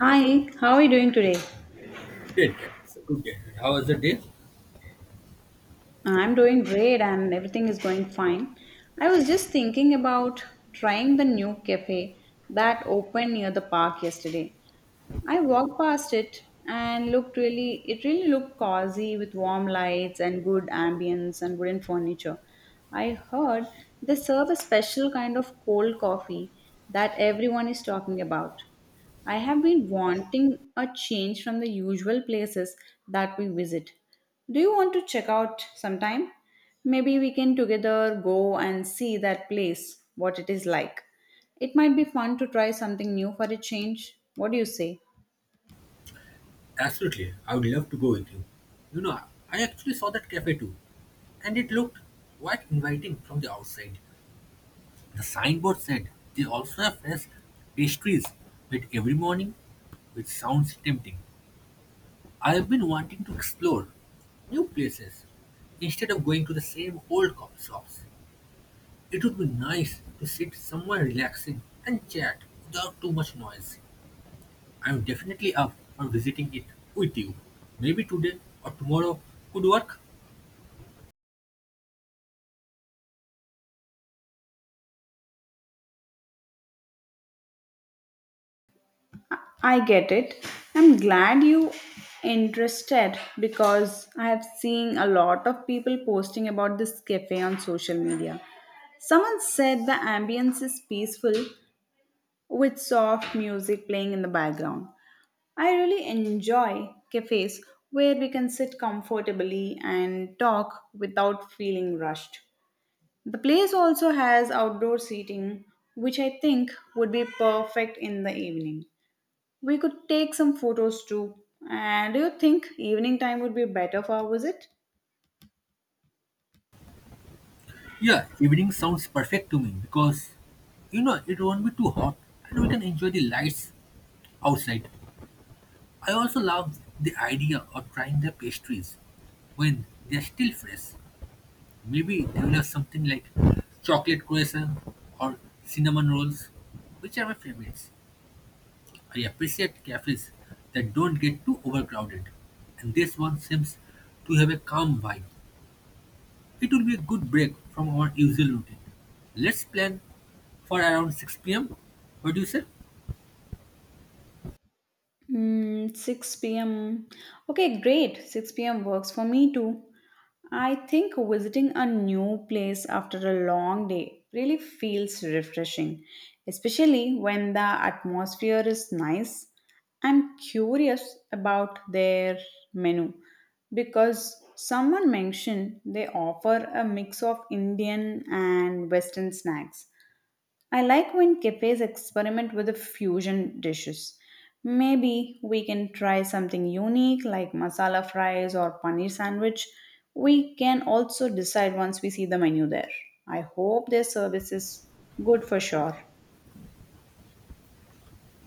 Hi, how are you doing today? Great, yeah. It's a good day. How was the day? I'm doing great and everything is going fine. I was just thinking about trying the new cafe that opened near the park yesterday. I walked past it and it really looked cozy with warm lights and good ambience and wooden furniture. I heard they serve a special kind of cold coffee that everyone is talking about. I have been wanting a change from the usual places that we visit. Do you want to check out sometime? Maybe we can together go and see that place, what it is like. It might be fun to try something new for a change. What do you say? Absolutely. I would love to go with you. You know, I actually saw that cafe too, and it looked quite inviting from the outside. The signboard said they also have fresh pastries made every morning, which sounds tempting. I have been wanting to explore new places instead of going to the same old coffee shops. It would be nice to sit somewhere relaxing and chat without too much noise. I'm definitely up for visiting it with you. Maybe today or tomorrow could work. I get it. I'm glad you interested because I have seen a lot of people posting about this cafe on social media. Someone said the ambience is peaceful with soft music playing in the background. I really enjoy cafes where we can sit comfortably and talk without feeling rushed. The place also has outdoor seating, which I think would be perfect in the evening. We could take some photos too. And do you think evening time would be better for our visit? Yeah, evening sounds perfect to me because you know it won't be too hot and we can enjoy the lights outside. I also love the idea of trying the pastries when they're still fresh. Maybe they will have something like chocolate croissant or cinnamon rolls, which are my favorites. I appreciate cafes that don't get too overcrowded, and this one seems to have a calm vibe. It will be a good break from our usual routine. Let's plan for around 6 pm. What do you say? 6 p.m. Okay, great. 6 p.m. works for me too. I think visiting a new place after a long day really feels refreshing, especially when the atmosphere is nice. I'm curious about their menu because someone mentioned they offer a mix of Indian and Western snacks. I like when cafes experiment with the fusion dishes. Maybe we can try something unique like masala fries or paneer sandwich. We can also decide once we see the menu there. I hope their service is good for sure.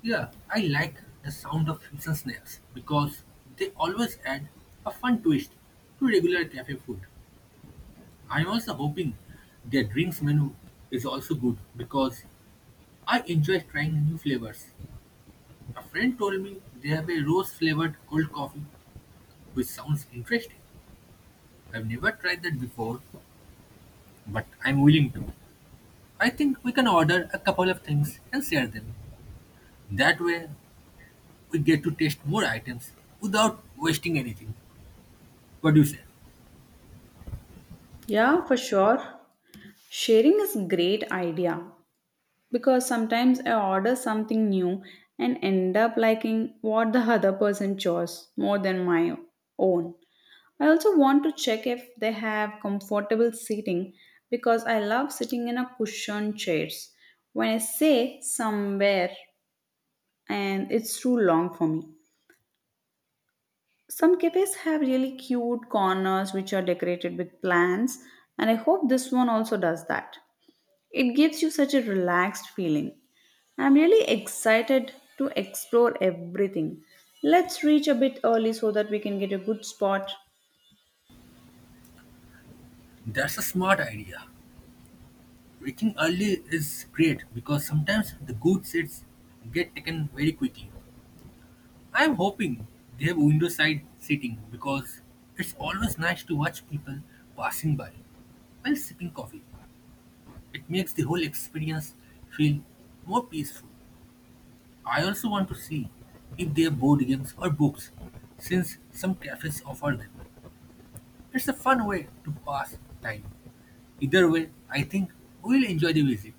Yeah, I like the sound of fusion snacks because they always add a fun twist to regular cafe food. I'm also hoping their drinks menu is also good because I enjoy trying new flavors. A friend told me they have a rose flavored cold coffee, which sounds interesting. I've never tried that before, but I'm willing to. I think we can order a couple of things and share them. That way, we get to taste more items without wasting anything. What do you say? Yeah, for sure. Sharing is great idea because sometimes I order something new and end up liking what the other person chose more than my own. I also want to check if they have comfortable seating because I love sitting in a cushioned chairs when I say somewhere and it's too long for me. Some cafes have really cute corners which are decorated with plants and I hope this one also does that. It gives you such a relaxed feeling. I'm really excited to explore everything. Let's reach a bit early so that we can get a good spot. That's a smart idea. Reaching early is great because sometimes the good seats get taken very quickly. I'm hoping they have window side seating because it's always nice to watch people passing by while sipping coffee. It makes the whole experience feel more peaceful. I also want to see if they have board games or books, since some cafes offer them. It's a fun way to pass time. Either way, I think we'll enjoy the visit.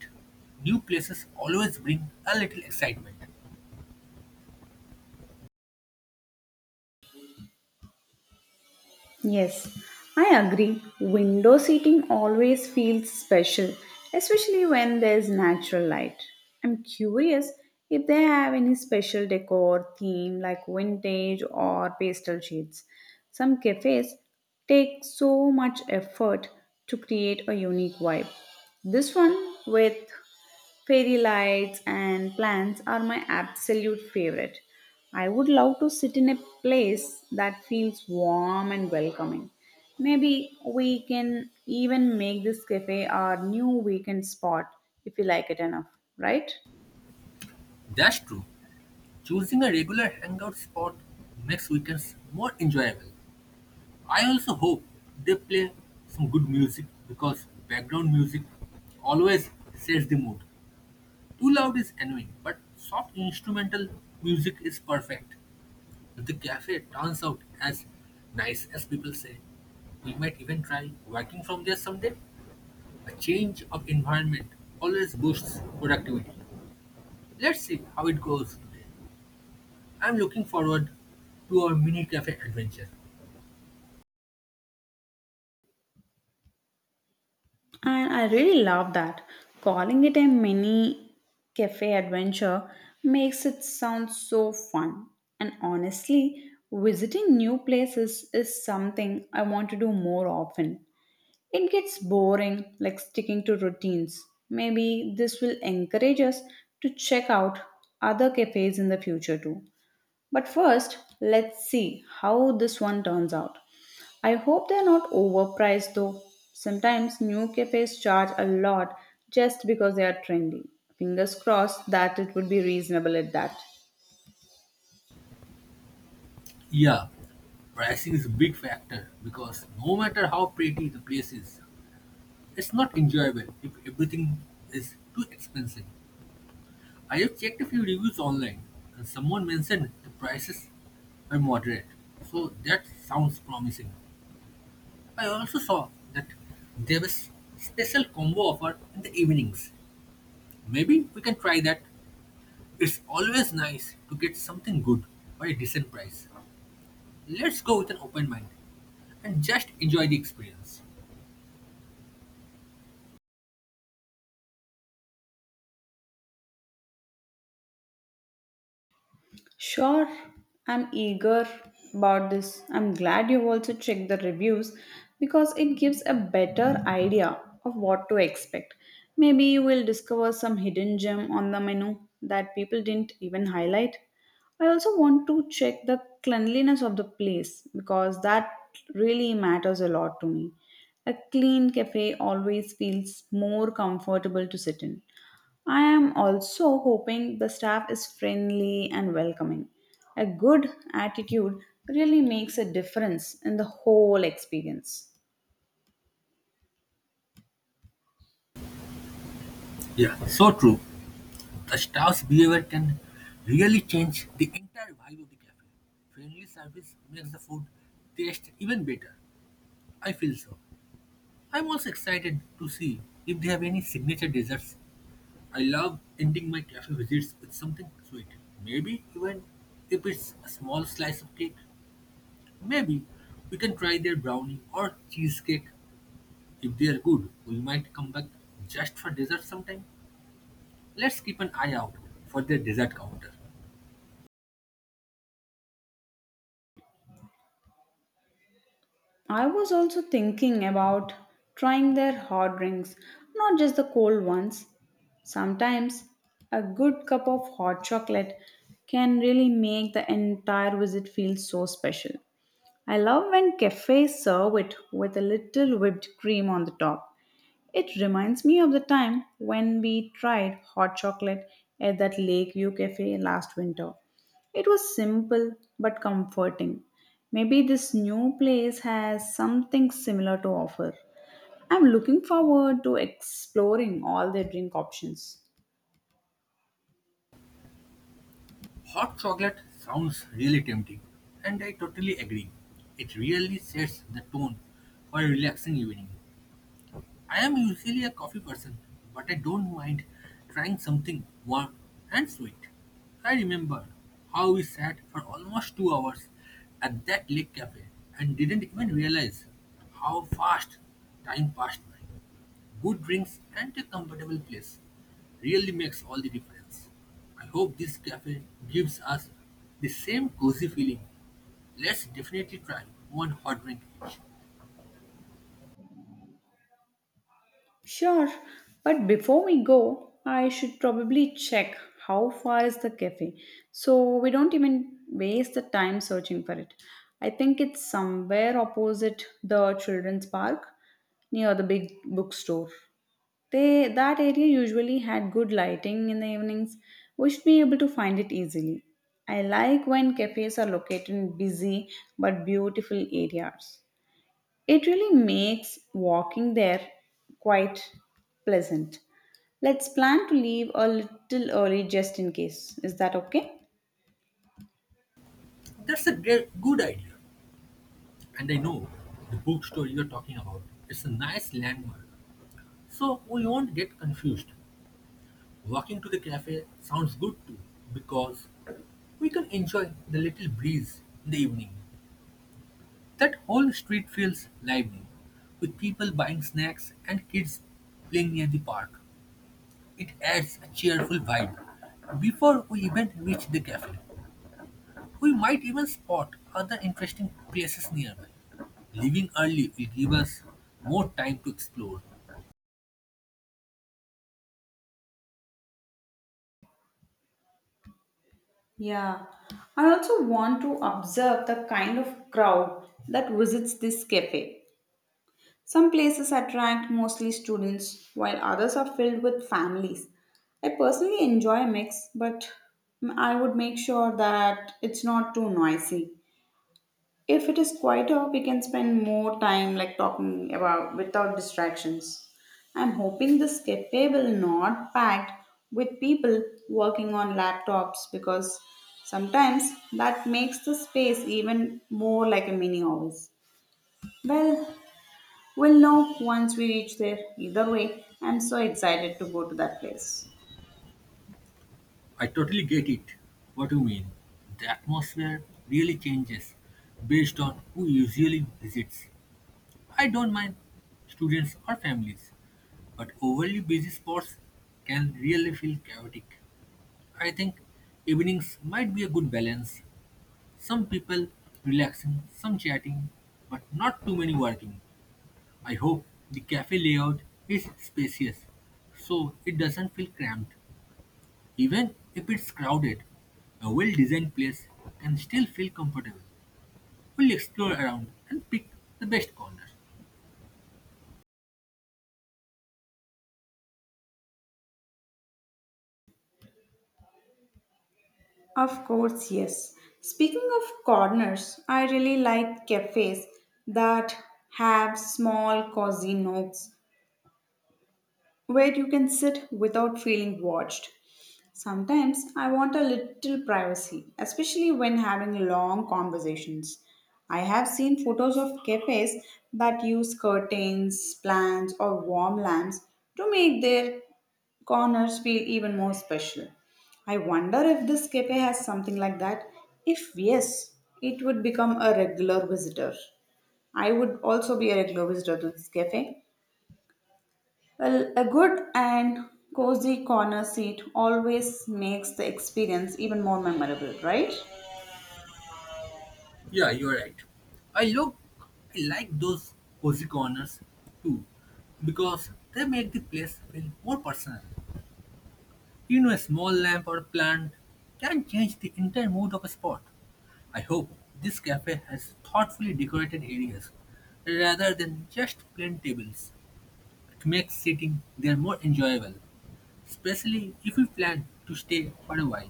New places always bring a little excitement. Yes, I agree. Window seating always feels special, especially when there's natural light. I'm curious if they have any special decor theme like vintage or pastel shades. Some cafes take so much effort to create a unique vibe. This one with fairy lights and plants are my absolute favorite. I would love to sit in a place that feels warm and welcoming. Maybe we can even make this cafe our new weekend spot if you like it enough, right? That's true. Choosing a regular hangout spot makes weekends more enjoyable. I also hope they play some good music because background music always sets the mood. Too loud is annoying, but soft instrumental music is perfect. The cafe turns out as nice as people say, we might even try working from there someday. A change of environment always boosts productivity. Let's see how it goes. I'm looking forward to our mini cafe adventure. And I really love that. Calling it a mini cafe adventure makes it sound so fun. And honestly, visiting new places is something I want to do more often. It gets boring, like sticking to routines. Maybe this will encourage us to check out other cafes in the future too. But first, let's see how this one turns out. I hope they're not overpriced though. Sometimes new cafes charge a lot just because they are trendy. Fingers crossed that it would be reasonable at that. Yeah, pricing is a big factor because no matter how pretty the place is, it's not enjoyable if everything is too expensive. I have checked a few reviews online and someone mentioned the prices were moderate. So that sounds promising. I also saw that there was special combo offer in the evenings. Maybe we can try that. It's always nice to get something good for a decent price. Let's go with an open mind and just enjoy the experience. Sure, I'm eager about this. I'm glad you've also checked the reviews because it gives a better idea of what to expect. Maybe you will discover some hidden gem on the menu that people didn't even highlight. I also want to check the cleanliness of the place because that really matters a lot to me. A clean cafe always feels more comfortable to sit in. I am also hoping the staff is friendly and welcoming. A good attitude really makes a difference in the whole experience. Yeah, so true. The staff's behavior can really change the entire vibe of the cafe. Friendly service makes the food taste even better. I feel so. I'm also excited to see if they have any signature desserts. I love ending my cafe visits with something sweet. Maybe even if it's a small slice of cake. Maybe we can try their brownie or cheesecake. If they are good, we might come back just for dessert sometime. Let's keep an eye out for their dessert counter. I was also thinking about trying their hot drinks, not just the cold ones. Sometimes a good cup of hot chocolate can really make the entire visit feel so special. I love when cafes serve it with a little whipped cream on the top. It reminds me of the time when we tried hot chocolate at that Lake View cafe last winter. It was simple but comforting. Maybe this new place has something similar to offer. I'm looking forward to exploring all their drink options. Hot chocolate sounds really tempting, and I totally agree. It really sets the tone for a relaxing evening. I am usually a coffee person, but I don't mind trying something warm and sweet. I remember how we sat for almost 2 hours at that lake cafe and didn't even realize how fast time passed by. Good drinks and a comfortable place really makes all the difference. I hope this cafe gives us the same cozy feeling. Let's definitely try one hot drink each. Sure, but before we go, I should probably check how far is the cafe so we don't even waste the time searching for it. I think it's somewhere opposite the children's park near the big bookstore. They that area usually had good lighting in the evenings. We should be able to find it easily. I like when cafes are located in busy but beautiful areas. It really makes walking there quite pleasant. Let's plan to leave a little early just in case. Is that okay? That's a great, good idea. And I know the bookstore you're talking about. It's a nice landmark, so we won't get confused. Walking to the cafe sounds good too, because we can enjoy the little breeze in the evening. That whole street feels lively, with people buying snacks and kids playing near the park. It adds a cheerful vibe. Before we even reach the cafe, we might even spot other interesting places nearby. Leaving early will give us more time to explore. Yeah. I also want to observe the kind of crowd that visits this cafe. Some places attract mostly students, while others are filled with families. I personally enjoy a mix, but I would make sure that it's not too noisy. If it is quieter, we can spend more time like talking about without distractions. I'm hoping this cafe will not packed with people working on laptops because sometimes that makes the space even more like a mini office. Well, we'll know once we reach there. Either way, I'm so excited to go to that place. I totally get it, what you mean. The atmosphere really changes based on who usually visits. I don't mind students or families, but overly busy spots can really feel chaotic. I think evenings might be a good balance. Some people relaxing, some chatting, but not too many working. I hope the cafe layout is spacious so it doesn't feel cramped. Even if it's crowded, a well designed place can still feel comfortable. We'll explore around and pick the best corners. Of course, yes. Speaking of corners, I really like cafes that have small cozy nooks where you can sit without feeling watched. Sometimes I want a little privacy, especially when having long conversations. I have seen photos of cafes that use curtains, plants, or warm lamps to make their corners feel even more special. I wonder if this cafe has something like that. If yes, it would become a regular visitor. I would also be a regular visitor to this cafe. Well, a good and cozy corner seat always makes the experience even more memorable, right? Yeah, you're right. I look I like those cozy corners too because they make the place feel more personal. You know a small lamp or plant can change the entire mood of a spot. I hope this cafe has thoughtfully decorated areas rather than just plain tables. It makes sitting there more enjoyable. Especially if we plan to stay for a while.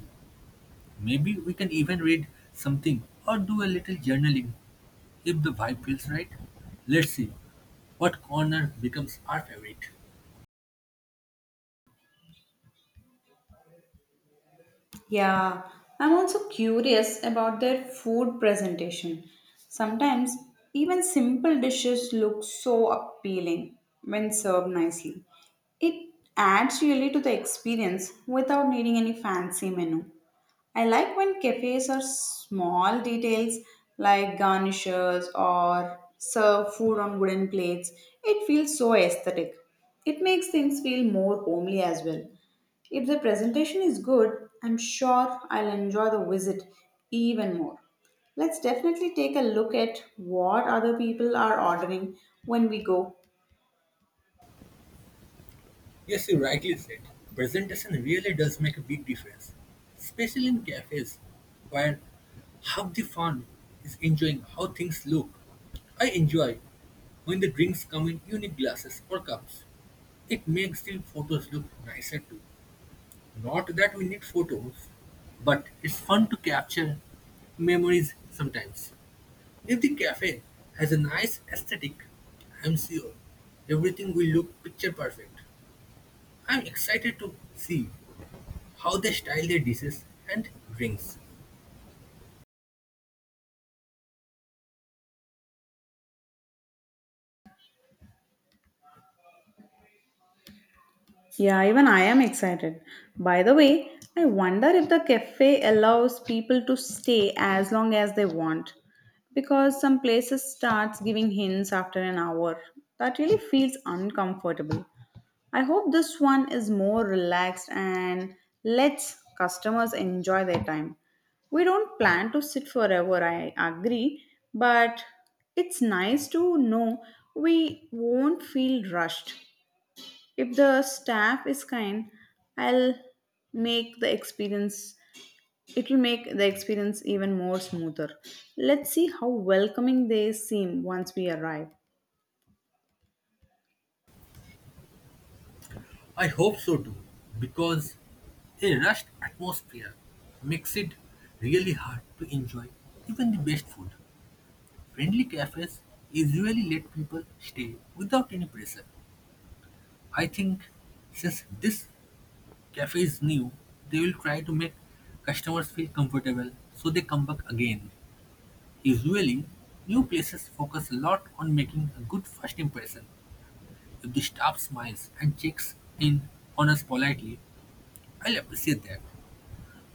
Maybe we can even read something or do a little journaling if the vibe feels right. Let's see what corner becomes our favorite. Yeah, I'm also curious about their food presentation. Sometimes even simple dishes look so appealing when served nicely. It adds really to the experience without needing any fancy menu. I like when cafes are small details like garnishes or serve food on wooden plates. It feels so aesthetic. It makes things feel more homely as well. If the presentation is good, I'm sure I'll enjoy the visit even more. Let's definitely take a look at what other people are ordering when we go. Yes, you rightly said. Presentation really does make a big difference, especially in cafes where half the fun is enjoying how things look. I enjoy when the drinks come in unique glasses or cups. It makes the photos look nicer too. Not that we need photos, but it's fun to capture memories sometimes. If the cafe has a nice aesthetic, I'm sure everything will look picture perfect. I'm excited to see how they style their dishes and drinks. Yeah, even I am excited. By the way, I wonder if the cafe allows people to stay as long as they want because some places starts giving hints after an hour. That really feels uncomfortable. I hope this one is more relaxed and lets customers enjoy their time. We don't plan to sit forever, I agree, but it's nice to know we won't feel rushed. If the staff is kind, I'll make the experience it will make the experience even more smoother. Let's see how welcoming they seem once we arrive. I hope so too, because a rushed atmosphere makes it really hard to enjoy even the best food. Friendly cafes usually let people stay without any pressure. I think since this cafe is new, they will try to make customers feel comfortable so they come back again. Usually, new places focus a lot on making a good first impression. If the staff smiles and checks in on us politely, I'll appreciate that.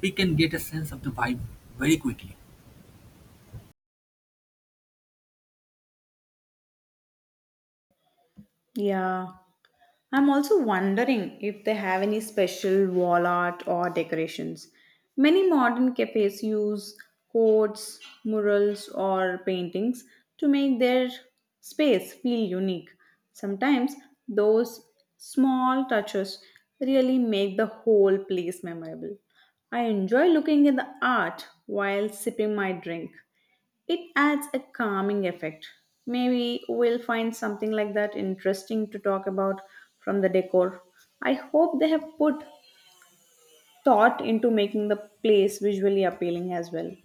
We can get a sense of the vibe very quickly. Yeah, I'm also wondering if they have any special wall art or decorations. Many modern cafes use quotes, murals, or paintings to make their space feel unique. Sometimes those small touches really make the whole place memorable. I enjoy looking at the art while sipping my drink. It adds a calming effect. Maybe we'll find something like that interesting to talk about from the decor. I hope they have put thought into making the place visually appealing as well.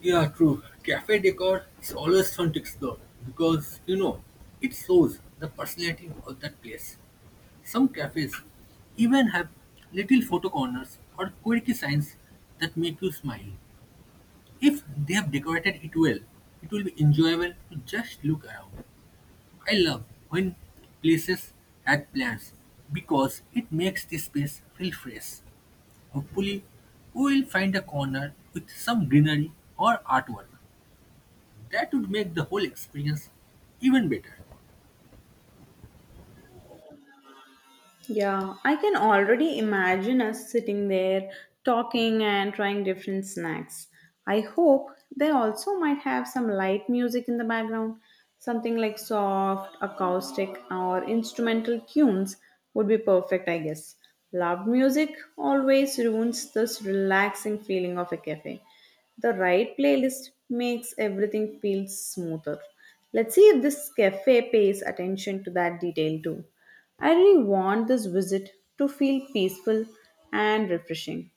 Yeah, true. Cafe decor is always fun to explore because you know it shows the personality of that place. Some cafes even have little photo corners or quirky signs that make you smile. If they have decorated it well, it will be enjoyable to just look around. I love when places add plants because it makes the space feel fresh. Hopefully, we will find a corner with some greenery or artwork. That would make the whole experience even better. Yeah, I can already imagine us sitting there talking and trying different snacks. I hope they also might have some light music in the background. Something like soft, acoustic, or instrumental tunes would be perfect, I guess. Loud music always ruins this relaxing feeling of a cafe. The right playlist makes everything feel smoother. Let's see if this cafe pays attention to that detail too. I really want this visit to feel peaceful and refreshing.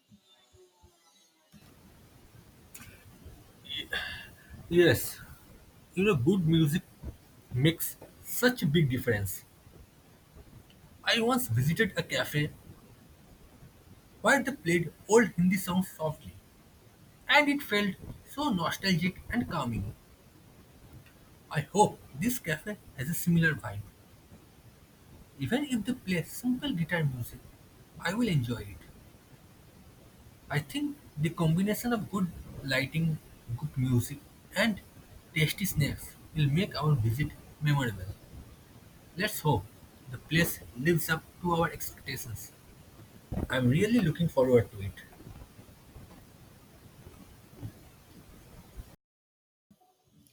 Yes, you know, good music makes such a big difference. I once visited a cafe where they played old Hindi songs softly, and it felt so nostalgic and calming. I hope this cafe has a similar vibe. Even if they play simple guitar music, I will enjoy it. I think the combination of good lighting, good music, and tasty snacks will make our visit memorable. Let's hope the place lives up to our expectations. I'm really looking forward to it.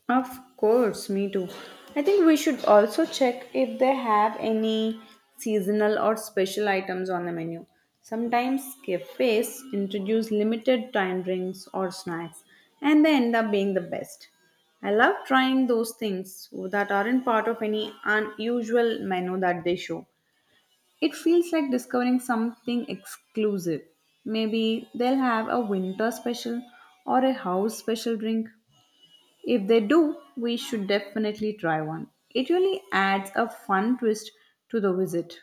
Of course, me too. I think we should also check if they have any seasonal or special items on the menu. Sometimes cafes introduce limited time drinks or snacks, and they end up being the best. I love trying those things that aren't part of any unusual menu that they show. It feels like discovering something exclusive. Maybe they'll have a winter special or a house special drink. If they do, we should definitely try one. It really adds a fun twist to the visit.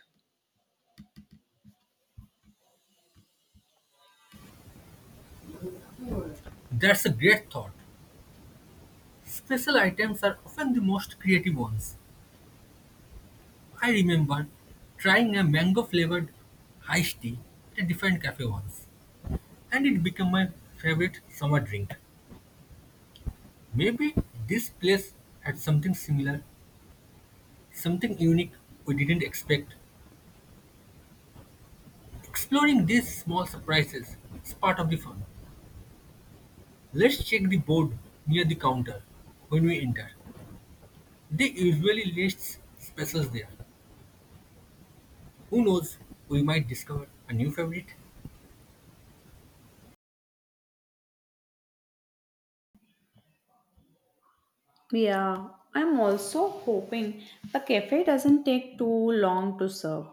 That's a great thought. Special items are often the most creative ones. I remember trying a mango flavored iced tea at a different cafe once, and it became my favorite summer drink. Maybe this place had something similar, something unique we didn't expect. Exploring these small surprises is part of the fun. Let's check the board near the counter when we enter. They usually list specials there. Who knows, we might discover a new favorite. Yeah, I'm also hoping the cafe doesn't take too long to serve.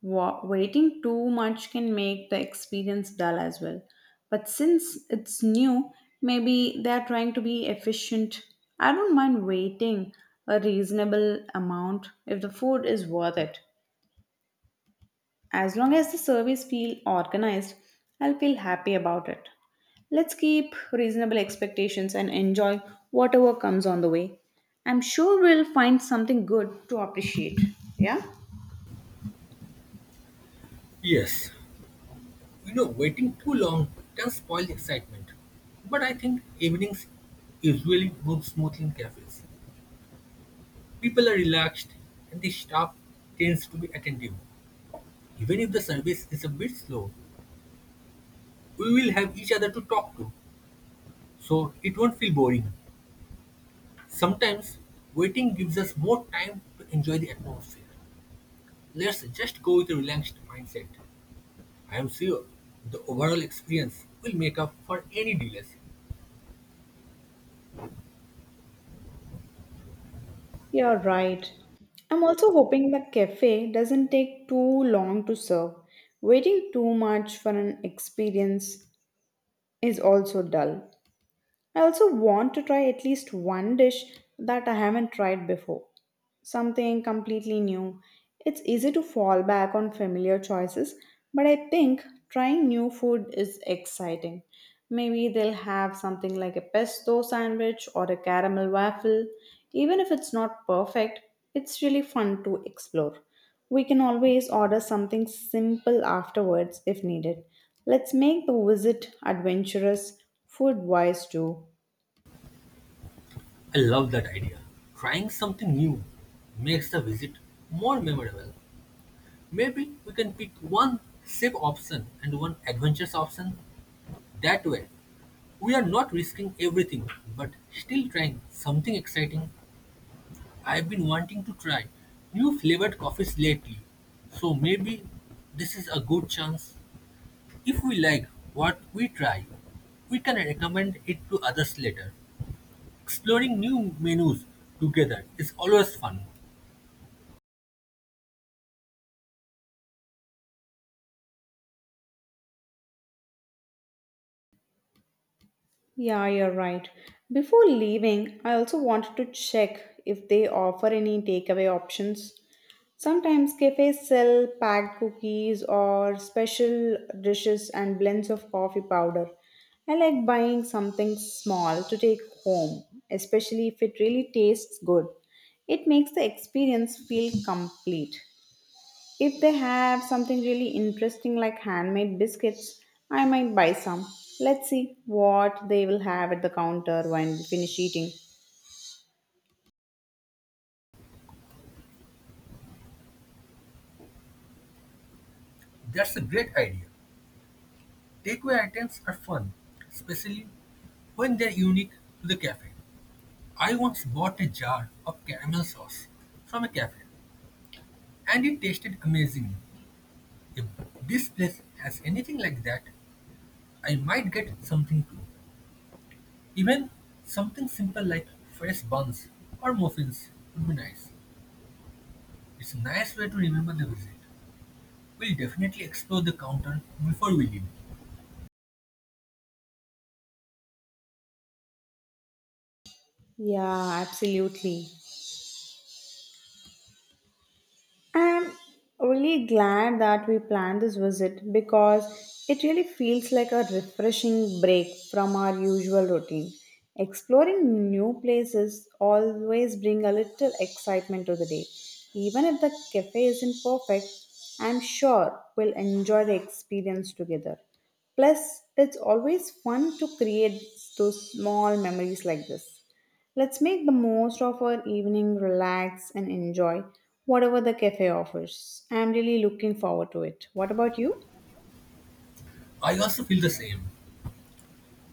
Waiting too much can make the experience dull as well. But since it's new, maybe they're trying to be efficient. I don't mind waiting a reasonable amount if the food is worth it. As long as the service feel organized, I'll feel happy about it. Let's keep reasonable expectations and enjoy whatever comes on the way. I'm sure we'll find something good to appreciate. Yeah? Yes, you know, waiting too long can spoil the excitement. But I think evenings usually move smoothly in cafes. People are relaxed and the staff tends to be attentive. Even if the service is a bit slow, we will have each other to talk to, so it won't feel boring. Sometimes waiting gives us more time to enjoy the atmosphere. Let's just go with a relaxed mindset. I am sure the overall experience will make up for any delays. You're right. I'm also hoping the cafe doesn't take too long to serve. Waiting too much for an experience is also dull. I also want to try at least one dish that I haven't tried before, something completely new. It's easy to fall back on familiar choices, but I think trying new food is exciting. Maybe they'll have something like a pesto sandwich or a caramel waffle. Even if it's not perfect, it's really fun to explore. We can always order something simple afterwards if needed. Let's make the visit adventurous food wise too. I love that idea. Trying something new makes the visit more memorable. Maybe we can pick one safe option and one adventurous option. That way, we are not risking everything but still trying something exciting. I've been wanting to try new flavored coffees lately, so maybe this is a good chance. If we like what we try, we can recommend it to others later. Exploring new menus together is always fun. Yeah, you're right. Before leaving, I also wanted to check if they offer any takeaway options. Sometimes cafes sell packed cookies or special dishes and blends of coffee powder. I like buying something small to take home, especially if it really tastes good. It makes the experience feel complete. If they have something really interesting like handmade biscuits, I might buy some. Let's see what they will have at the counter when we finish eating. That's a great idea. Takeaway items are fun, especially when they're unique to the cafe. I once bought a jar of caramel sauce from a cafe and it tasted amazing. If this place has anything like that, I might get something too. Even something simple like fresh buns or muffins would be nice. It's a nice way to remember the visit. We'll definitely explore the counter before we leave. Yeah, absolutely. I'm really glad that we planned this visit because it really feels like a refreshing break from our usual routine. Exploring new places always bring a little excitement to the day. Even if the cafe isn't perfect, I'm sure we'll enjoy the experience together. Plus, it's always fun to create those small memories like this. Let's make the most of our evening, relax, and enjoy whatever the cafe offers. I'm really looking forward to it. What about you? I also feel the same.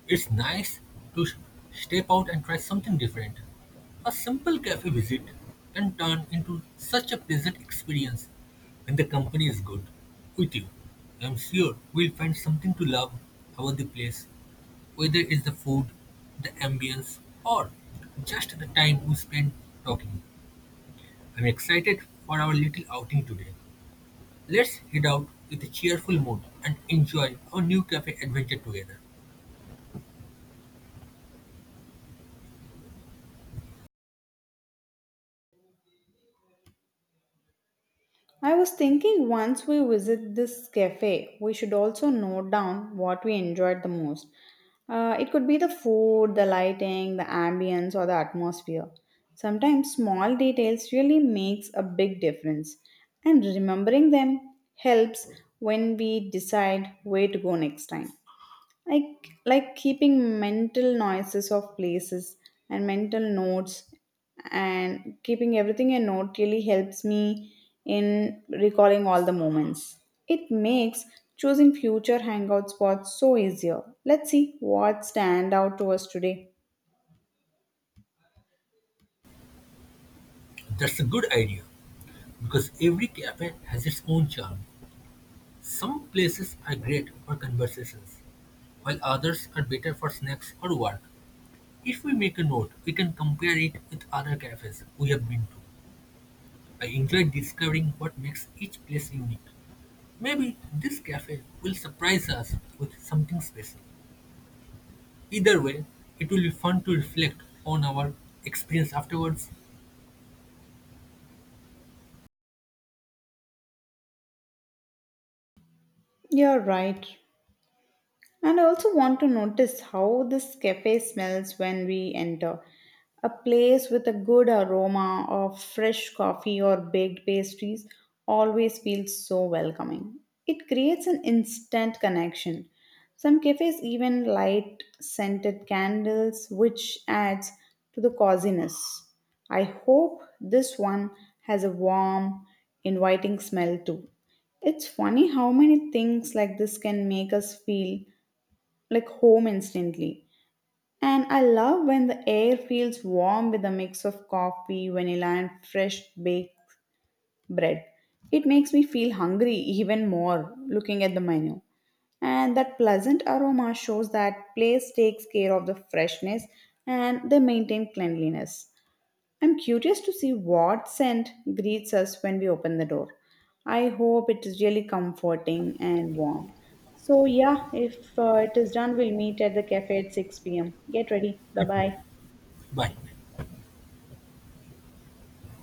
It's nice to step out and try something different. A simple cafe visit can turn into such a pleasant experience when the company is good with you. I'm sure we'll find something to love about the place, whether it's the food, the ambience, or just the time we spend talking. I'm excited for our little outing today. Let's head out with a cheerful mood and enjoy our new cafe adventure together. I was thinking once we visit this cafe, we should also note down what we enjoyed the most. It could be the food, the lighting, the ambience, or the atmosphere. Sometimes small details really makes a big difference, and remembering them helps when we decide where to go next time. I like keeping mental noises of places and mental notes and keeping everything a note really helps me in recalling all the moments. It makes choosing future hangout spots so easier. Let's see what stand out to us today. That's a good idea. Because every cafe has its own charm. Some places are great for conversations, while others are better for snacks or work. If we make a note, we can compare it with other cafes we have been to. I enjoy discovering what makes each place unique. Maybe this cafe will surprise us with something special. Either way, it will be fun to reflect on our experience afterwards. You're right. And I also want to notice how this cafe smells when we enter. A place with a good aroma of fresh coffee or baked pastries always feels so welcoming. It creates an instant connection. Some cafes even light scented candles, which adds to the coziness. I hope this one has a warm, inviting smell too. It's funny how many things like this can make us feel like home instantly. And I love when the air feels warm with a mix of coffee, vanilla, and fresh baked bread. It makes me feel hungry even more looking at the menu. And that pleasant aroma shows that place takes care of the freshness and they maintain cleanliness. I'm curious to see what scent greets us when we open the door. I hope it is really comforting and warm. So, yeah, if it is done, we'll meet at the cafe at 6 p.m. Get ready. Bye bye. Bye.